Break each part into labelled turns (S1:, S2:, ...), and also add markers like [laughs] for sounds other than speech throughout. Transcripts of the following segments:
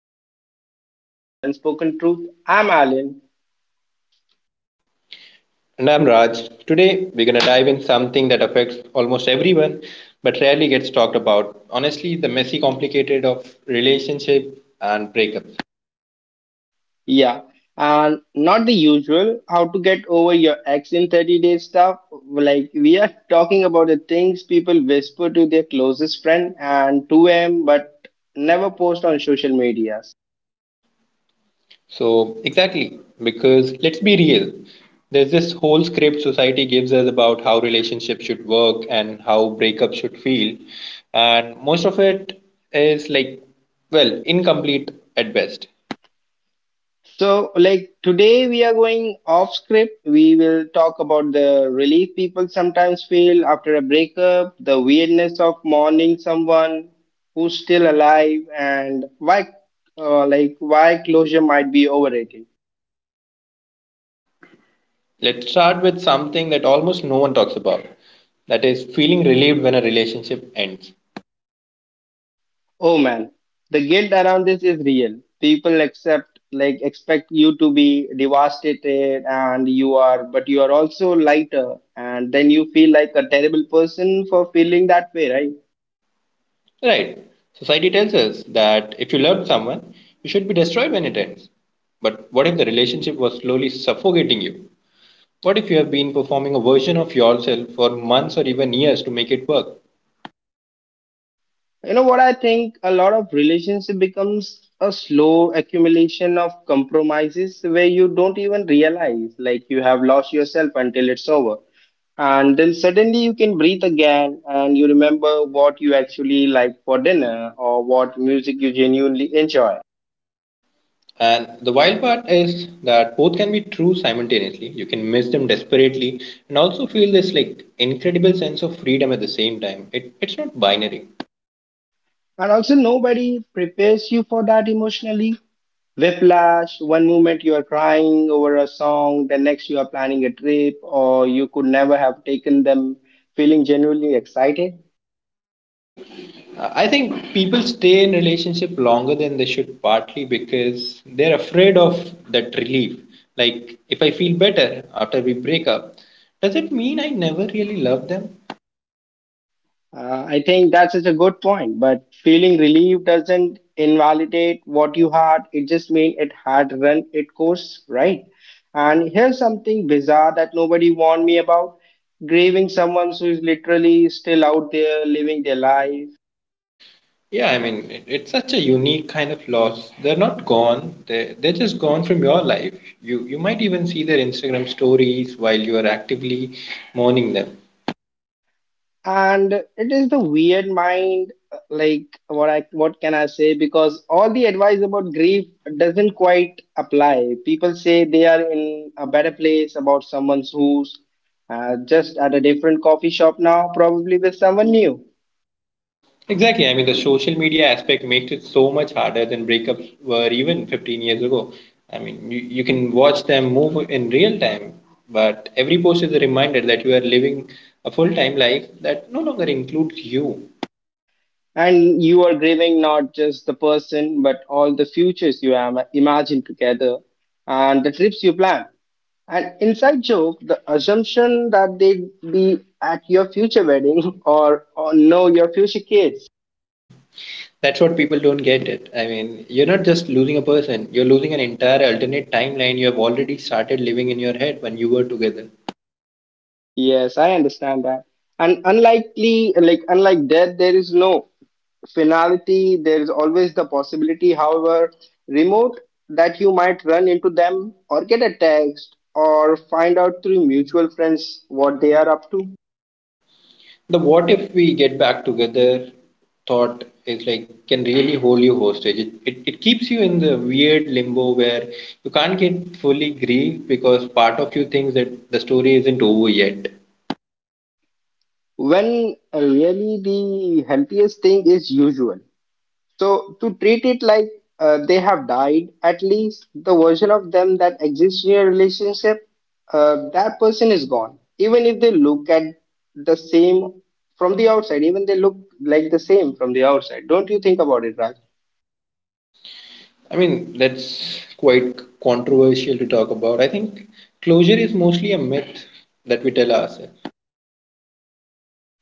S1: everyone, welcome back to the Unspoken Truth. I'm Alan.
S2: And I'm Raj. Today, we're going to dive in something that affects almost everyone but rarely gets talked about. Honestly, the messy, complicated of relationship and breakups.
S1: Yeah, and not the usual how to get over your ex in 30 days stuff. We are talking about the things people whisper to their closest friend and 2 a.m. but never post on social media.
S2: So, exactly, because let's be real, there's this whole script society gives us about how relationships should work and how breakups should feel. And most of it is like, well, incomplete at best.
S1: Today, we are going off script. We will talk about the relief people sometimes feel after a breakup, the weirdness of mourning someone who's still alive, and why closure might be overrated.
S2: Let's start with something that almost no one talks about. That is feeling relieved when a relationship ends.
S1: Oh man, the guilt around this is real. People expect you to be devastated, and you are, but you are also lighter, and then you feel like a terrible person for feeling that way, right?
S2: Right. Society tells us that if you loved someone, you should be destroyed when it ends. But what if the relationship was slowly suffocating you? What if you have been performing a version of yourself for months or even years to make it work?
S1: You know what I think? A lot of relationship becomes a slow accumulation of compromises where you don't even realize like you have lost yourself until it's over. And then suddenly you can breathe again and you remember what you actually like for dinner or what music you genuinely enjoy.
S2: And the wild part is that both can be true simultaneously. You can miss them desperately and also feel this like incredible sense of freedom at the same time. It's not binary.
S1: And also nobody prepares you for that emotionally. Whiplash, one moment you are crying over a song, the next you are planning a trip, or you could never have taken them feeling genuinely excited.
S2: I think people stay in relationship longer than they should partly because they're afraid of that relief. Like if I feel better after we break up, does it mean I never really love them?
S1: I think that's such a good point, but feeling relieved doesn't invalidate what you had, it just means it had run its course, right? And here's something bizarre that nobody warned me about, grieving someone who is literally still out there living their life.
S2: Yeah, I mean it's such a unique kind of loss. They're not gone. They're just gone from your life. You might even see their Instagram stories while you are actively mourning them.
S1: And it is the weird mind, like what I what can I say, because all the advice about grief doesn't quite apply. People say they are in a better place about someone who's just at a different coffee shop now, probably with someone new.
S2: Exactly. I mean, the social media aspect makes it so much harder than breakups were even 15 years ago. I mean, you can watch them move in real time, but every post is a reminder that you are living a full time life that no longer includes you.
S1: And you are grieving not just the person but all the futures you have imagined together, and the trips you plan, an inside joke, the assumption that they'd be at your future wedding [laughs] or know your future kids.
S2: That's what people don't get it. I mean, you're not just losing a person, you're losing an entire alternate timeline you have already started living in your head when you were together.
S1: Yes, I understand that. And unlike death, there is no finality. There is always the possibility, however remote, that you might run into them or get a text or find out through mutual friends what they are up to.
S2: The what if we get back together thought is like can really hold you hostage. It keeps you in the weird limbo where you can't get fully grieved because part of you thinks that the story isn't over yet.
S1: When really the healthiest thing is usual. So to treat it like they have died, at least the version of them that exists in your relationship, that person is gone. Even if they look at the same from the outside, even they look like the same from the outside. Don't you think about it, Raj?
S2: I mean, that's quite controversial to talk about. I think closure is mostly a myth that we tell ourselves.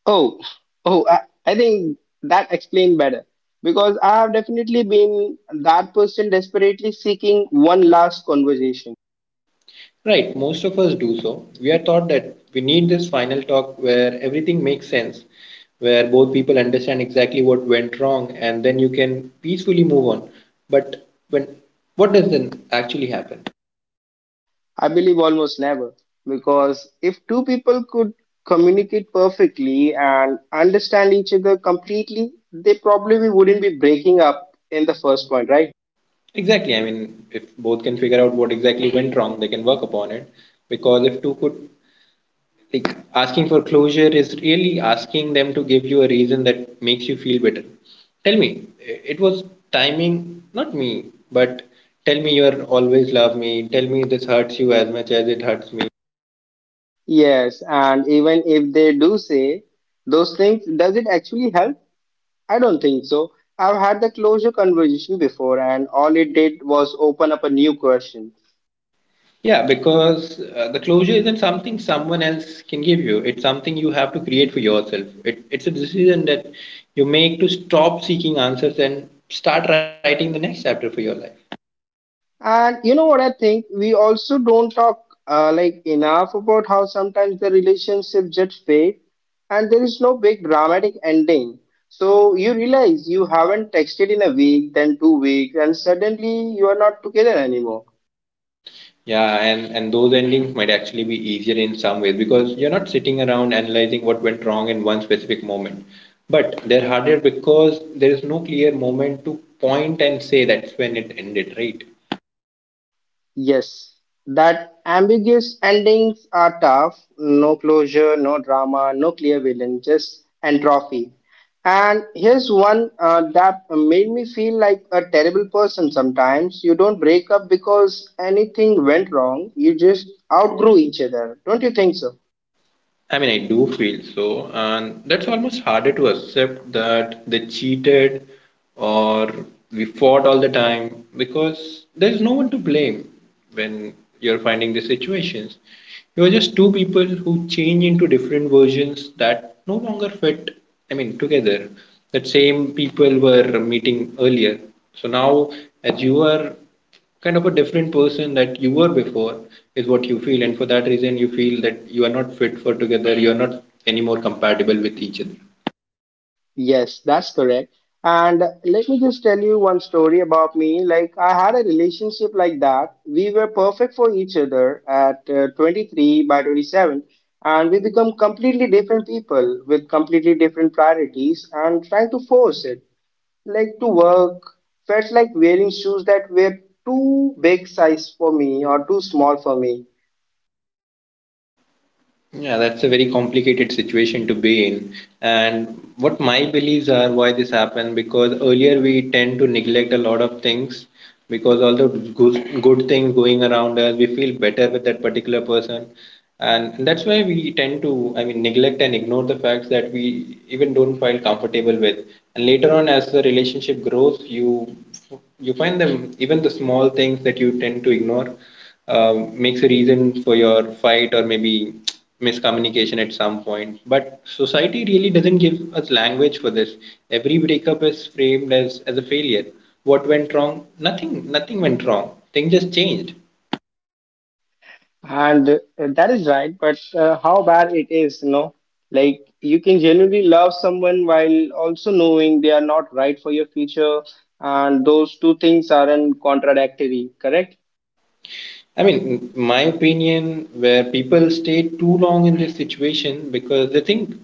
S1: Oh, oh, I, I think that explained better, because I have definitely been that person desperately seeking one last conversation.
S2: Right, most of us do so. We are taught that we need this final talk where everything makes sense, where both people understand exactly what went wrong, and then you can peacefully move on. But when what does then actually happen?
S1: I believe almost never, because if two people could communicate perfectly and understand each other completely, they probably wouldn't be breaking up in the first point, right?
S2: Exactly. I mean, if both can figure out what exactly went wrong, they can work upon it. Because if two could like asking for closure is really asking them to give you a reason that makes you feel better tell me it was timing not me but tell me you're always love me tell me this hurts you as much as it hurts me
S1: Yes, and even if they do say those things, does it actually help? I don't think so. I've had the closure conversation before, and all it did was open up a new question.
S2: yeah because the closure isn't something someone else can give you it's something you have to create for yourself it's a decision that you make to stop seeking answers and start writing the next chapter for your life.
S1: And you know what I think? We also don't talk enough about how sometimes the relationship just fade, and there is no big dramatic ending. So you realize you haven't texted in a week, then 2 weeks, and suddenly you are not together anymore.
S2: Yeah, and those endings might actually be easier in some ways because you're not sitting around analyzing what went wrong in one specific moment. But they're harder because there is no clear moment to point and say that's when it ended, right?
S1: Yes, that ambiguous endings are tough. No closure, no drama, no clear villain, just entropy. And here's one that made me feel like a terrible person sometimes. You don't break up because anything went wrong, you just outgrew each other. Don't you think so?
S2: I mean, I do feel so, and that's almost harder to accept that they cheated or we fought all the time because there's no one to blame when you're finding these situations. You're just two people who change into different versions that no longer fit, I mean, together. That same people were meeting earlier. So now, as you are kind of a different person that you were before is what you feel and for that reason you feel that you are not fit for together you are not anymore compatible with each other.
S1: Yes, that's correct. And let me just tell you one story about me. Like, I had a relationship like that. We were perfect for each other at 23 by 27, and we become completely different people with completely different priorities and trying to force it. Like, to work felt like wearing shoes that were too big size for me or too small for me.
S2: Yeah, that's a very complicated situation to be in. And what my beliefs are why this happened because earlier we tend to neglect a lot of things because all the good things going around us, we feel better with that particular person. And that's why we tend to, I mean, neglect and ignore the facts that we even don't feel comfortable with. And later on, as the relationship grows, you find them even the small things that you tend to ignore makes a reason for your fight or maybe miscommunication at some point. But society really doesn't give us language for this. Every breakup is framed as a failure. What went wrong? Nothing. Nothing went wrong. Things just changed.
S1: And that is right, but how bad it is, you know? Like, you can genuinely love someone while also knowing they are not right for your future, and those two things aren't contradictory, correct?
S2: I mean, my opinion, where people stay too long in this situation because they think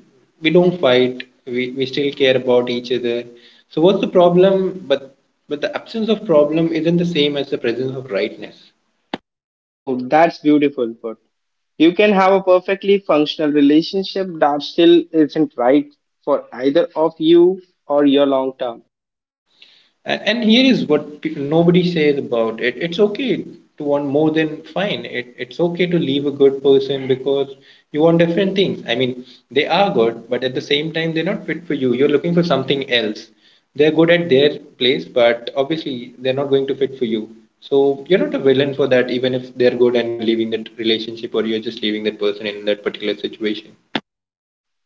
S2: we don't fight, we still care about each other. So what's the problem? But the absence of problem isn't the same as the presence of rightness.
S1: Oh, that's beautiful put. You can have a perfectly functional relationship that still isn't right for either of you or your long term.
S2: And here is what nobody says about it. It's okay to want more than fine. It's okay to leave a good person because you want different things. I mean, they are good, but at the same time, they're not fit for you. You're looking for something else. They're good at their place, but obviously, they're not going to fit for you. So you're not a villain for that, even if they're good and you're leaving that relationship or you're just leaving that person in that particular situation.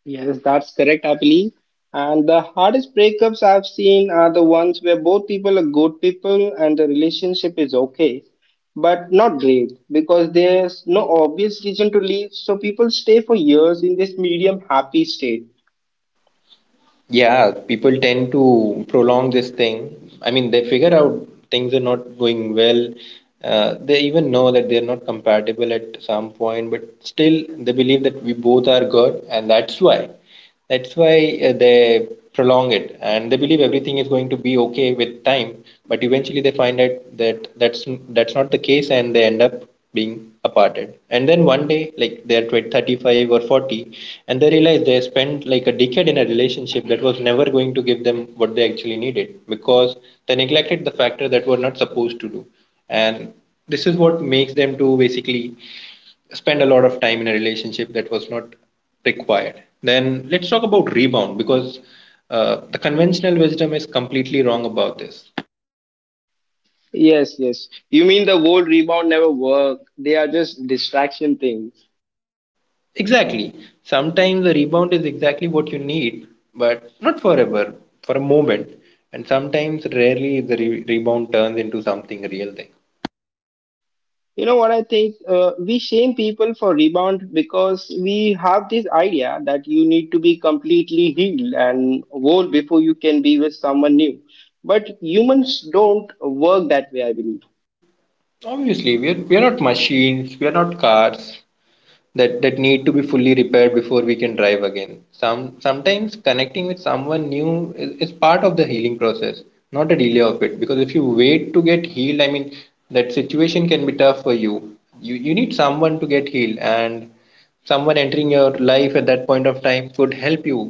S1: Yes, that's correct, I believe. And the hardest breakups I've seen are the ones where both people are good people and the relationship is okay, but not great because there's no obvious reason to leave. So people stay for years in this medium happy state.
S2: Yeah, people tend to prolong this thing. I mean, they figure out things are not going well. They even know that they're not compatible at some point, but still they believe that we both are good, and that's why. That's why they prolong it and they believe everything is going to be okay with time, but eventually they find out that that's not the case and they end up being aparted. And then one day, like they're 20, 35 or 40, and they realize they spent like a decade in a relationship that was never going to give them what they actually needed because they neglected the factor that were not supposed to do. And this is what makes them to basically spend a lot of time in a relationship that was not required. Then let's talk about rebound because the conventional wisdom is completely wrong about this.
S1: Yes, yes. You mean the whole rebound never work? They are just distraction thing.
S2: Exactly. Sometimes a rebound is exactly what you need, but not forever, for a moment. And sometimes, rarely, the rebound turns into something real thing.
S1: You know what I think? We shame people for rebound because we have this idea that you need to be completely healed and whole before you can be with someone new. But humans don't work that way, I believe.
S2: Obviously, we're not machines, we're not cars, that need to be fully repaired before we can drive again. Sometimes connecting with someone new is part of the healing process, not a delay of it. Because if you wait to get healed, I mean that situation can be tough for you. You need someone to get healed, and someone entering your life at that point of time could help you.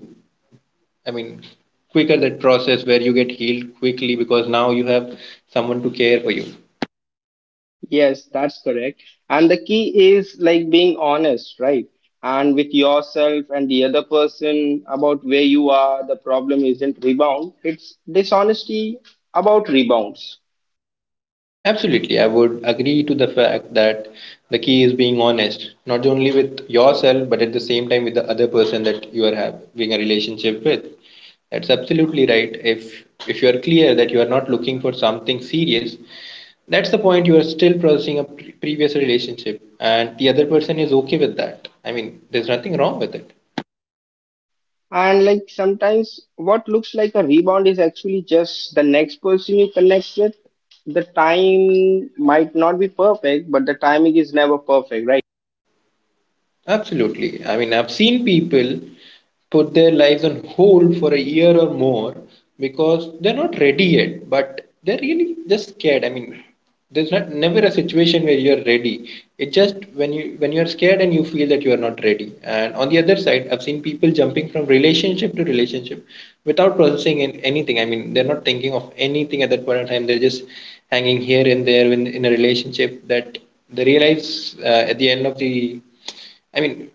S2: I mean quicker that process where you get healed quickly because now you have someone to care for you.
S1: Yes, that's correct. And the key is like being honest, right? And with yourself and the other person about where you are, the problem isn't rebound, it's dishonesty about rebounds.
S2: Absolutely, I would agree to the fact that the key is being honest, not only with yourself, but at the same time with the other person that you are having a relationship with. That's absolutely right. If you are clear that you are not looking for something serious, that's the point you are still processing a previous relationship, and the other person is okay with that. I mean, there's nothing wrong with it.
S1: And like sometimes what looks like a rebound is actually just the next person you connect with. The time might not be perfect, but the timing is never perfect, right?
S2: Absolutely. I mean, I've seen people put their lives on hold for a year or more because they're not ready yet, but they're really just scared. I mean, there's not never a situation where you're ready. It's just when you when you're scared and you feel that you are not ready. And on the other side, I've seen people jumping from relationship to relationship without processing in anything. I mean, they're not thinking of anything at that point in time. They're just hanging here and there in a relationship that they realize at the end of the I mean,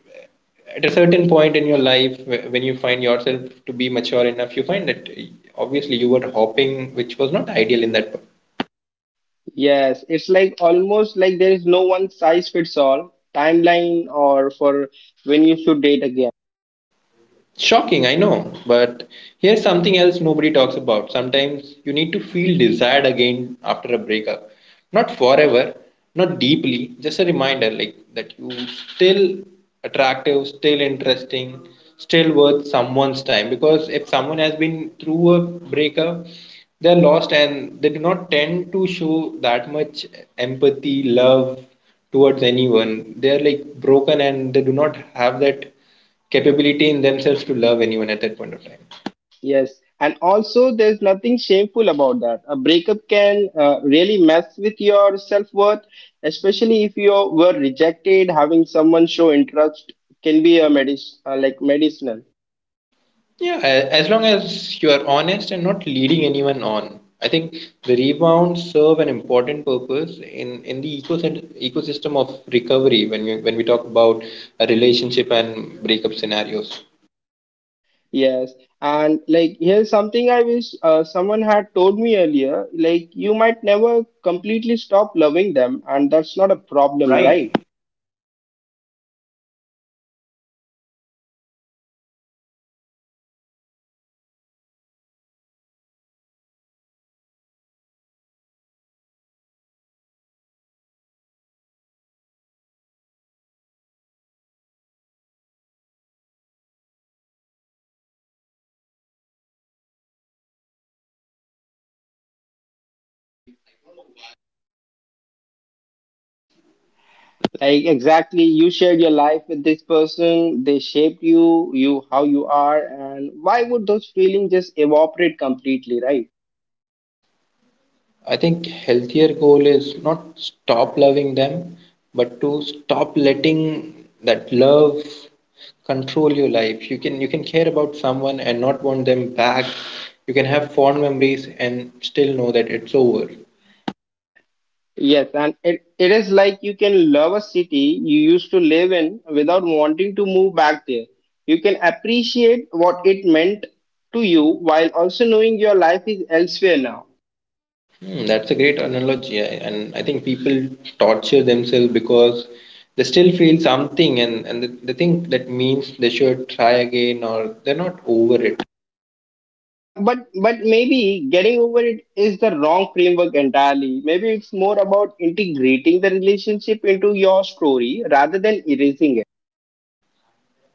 S2: at a certain point in your life, when you find yourself to be mature enough, you find that obviously you were hopping, which was not ideal in that.
S1: Yes, it's like almost like there is no one size fits all timeline or for when you should date again.
S2: Shocking, I know, but here's something else nobody talks about. Sometimes you need to feel desired again after a breakup. Not forever, not deeply, just a reminder like that you still attractive, still interesting, still worth someone's time because if someone has been through a breakup, they're lost and they do not tend to show that much empathy, love towards anyone. They're like broken and they do not have that capability in themselves to love anyone at that point of time.
S1: Yes, and also there's nothing shameful about that. A breakup can really mess with your self-worth, especially if you were rejected. Having someone show interest can be a medicinal.
S2: Yeah, as long as you are honest and not leading anyone on, I think the rebounds serve an important purpose in the ecosystem of recovery when we talk about a relationship and breakup scenarios.
S1: Yes, and like here's something I wish someone had told me earlier. Like you might never completely stop loving them, and that's not a problem,
S2: Right.
S1: right? Like exactly, you shared your life with this person, they shaped you, you how you are, and why would those feelings just evaporate completely, right?
S2: I think healthier goal is not stop loving them, but to stop letting that love control your life. You can care about someone and not want them back. You can have fond memories and still know that it's over.
S1: Yes, and it is like you can love a city you used to live in without wanting to move back there. You can appreciate what it meant to you while also knowing your life is elsewhere now.
S2: Hmm, that's a great analogy, and I think people torture themselves because they still feel something, and they think that means they should try again or they're not over it.
S1: But maybe getting over it is the wrong framework entirely. Maybe it's more about integrating the relationship into your story rather than erasing it.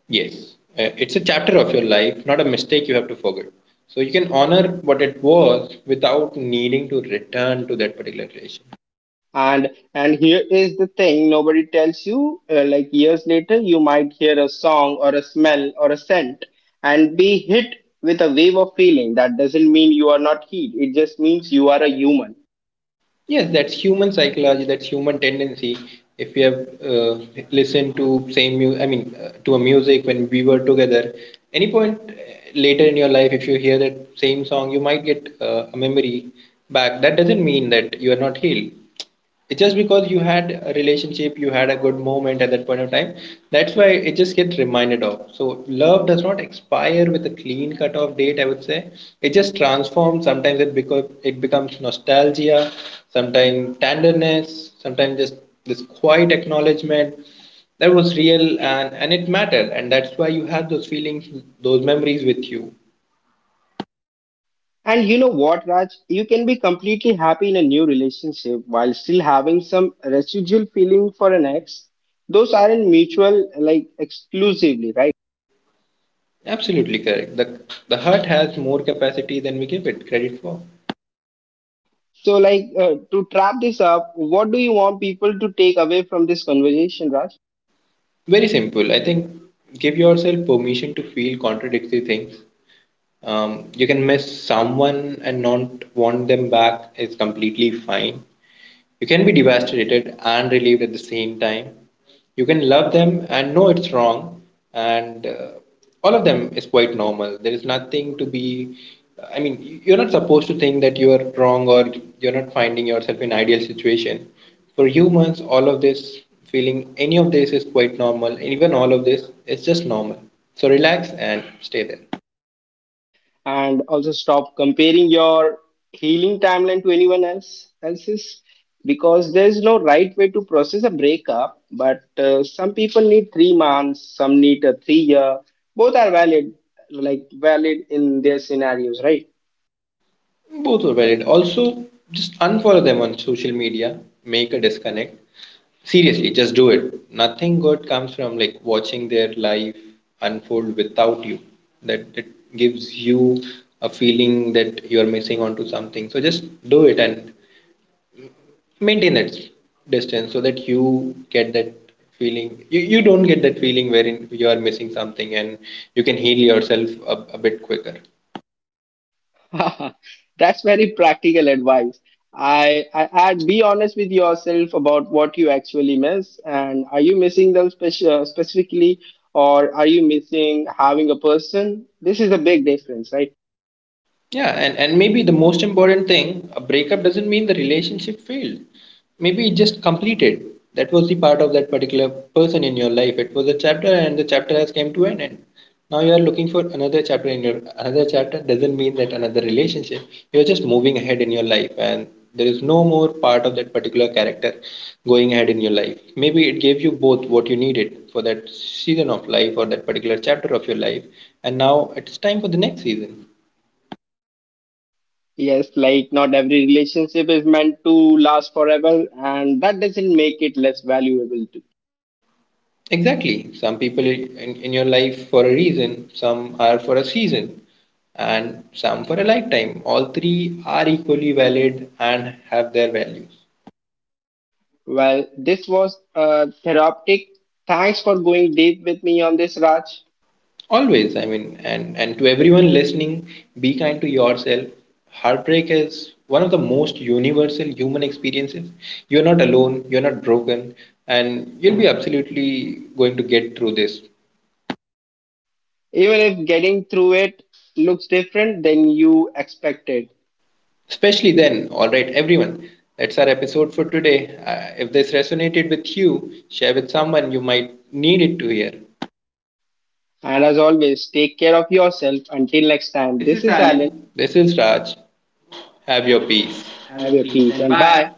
S2: Yes, it's a chapter of your life, not a mistake you have to forget. So you can honor what it was without needing to return to that particular relation.
S1: And here is the thing nobody tells you. Years later, you might hear a song or a smell or a scent and be hit with a wave of feeling. That doesn't mean you are not healed. It just means you are a human.
S2: Yes, that's human psychology, that's human tendency. If we have listened to same to a music when we were together, any point later in your life if you hear that same song, you might get a memory back. That doesn't mean that you are not healed. It's just because you had a relationship, you had a good moment at that point of time, that's why it just gets reminded of. So love does not expire with a clean cut off date, I would say. It just transforms. Sometimes it because it becomes nostalgia, sometimes tenderness, sometimes just this quiet acknowledgement that was real and it mattered, and that's why you have those feelings, those memories with you.
S1: And you know what, Raj? You can be completely happy in a new relationship while still having some residual feeling for an ex. Those aren't mutual, like exclusively, right?
S2: Absolutely correct. The heart has more capacity than we give it credit for.
S1: To trap this up, what do you want people to take away from this conversation, Raj?
S2: Very simple. I think give yourself permission to feel contradictory things. You can miss someone and not want them back is completely fine. You can be devastated and relieved at the same time. You can love them and know it's wrong, and all of them is quite normal. There is nothing to be, uh, I mean, you're not supposed to think that you are wrong or you're not finding yourself in ideal situation. For humans, all of this feeling, any of this is quite normal. Even all of this, it's just normal. So relax and stay there.
S1: And also stop comparing your healing timeline to anyone else's, because there's no right way to process a breakup, but some people need 3 months, some need a 3 year. Both are valid, like valid in their scenarios, right?
S2: Both are valid. Also just unfollow them on social media, make a disconnect. Seriously, just do it. Nothing good comes from like watching their life unfold without you. That gives you a feeling that you are missing onto something. So just do it and maintain that distance so that you get that feeling. You don't get that feeling wherein you are missing something, and you can heal yourself a bit quicker.
S1: [laughs] That's very practical advice. I'd be honest with yourself about what you actually miss, and are you missing them special specifically, or are you missing having a person? This is a big difference, right?
S2: Yeah, and maybe the most important thing, a breakup doesn't mean the relationship failed. Maybe it just completed. That was the part of that particular person in your life. It was a chapter and the chapter has came to an end. Now you are looking for another chapter in your another chapter doesn't mean that another relationship. You're just moving ahead in your life, and there is no more part of that particular character going ahead in your life. Maybe it gave you both what you needed for that season of life or that particular chapter of your life, and now it's time for the next season.
S1: Yes, like not every relationship is meant to last forever, and that doesn't make it less valuable. To,
S2: Exactly. Some people in your life for a reason, some are for a season, and some for a lifetime. All three are equally valid and have their values.
S1: well, this was therapeutic. Thanks for going deep with me on this, Raj.
S2: Always, I mean, and to everyone listening, be kind to yourself. Heartbreak is one of the most universal human experiences. You're not alone, you're not broken, and you'll be absolutely going to get through this.
S1: Even if getting through it looks different than you expected.
S2: Especially then, all right, everyone. That's our episode for today. If this resonated with you, share with someone you might need it to hear.
S1: And as always, take care of yourself. Until next time,
S2: This
S1: this
S2: is
S1: is Alan.
S2: Alan. This is Raj. Have your peace. Have a
S1: Have your
S2: peace
S1: peace
S2: and
S1: and
S2: bye.
S1: bye.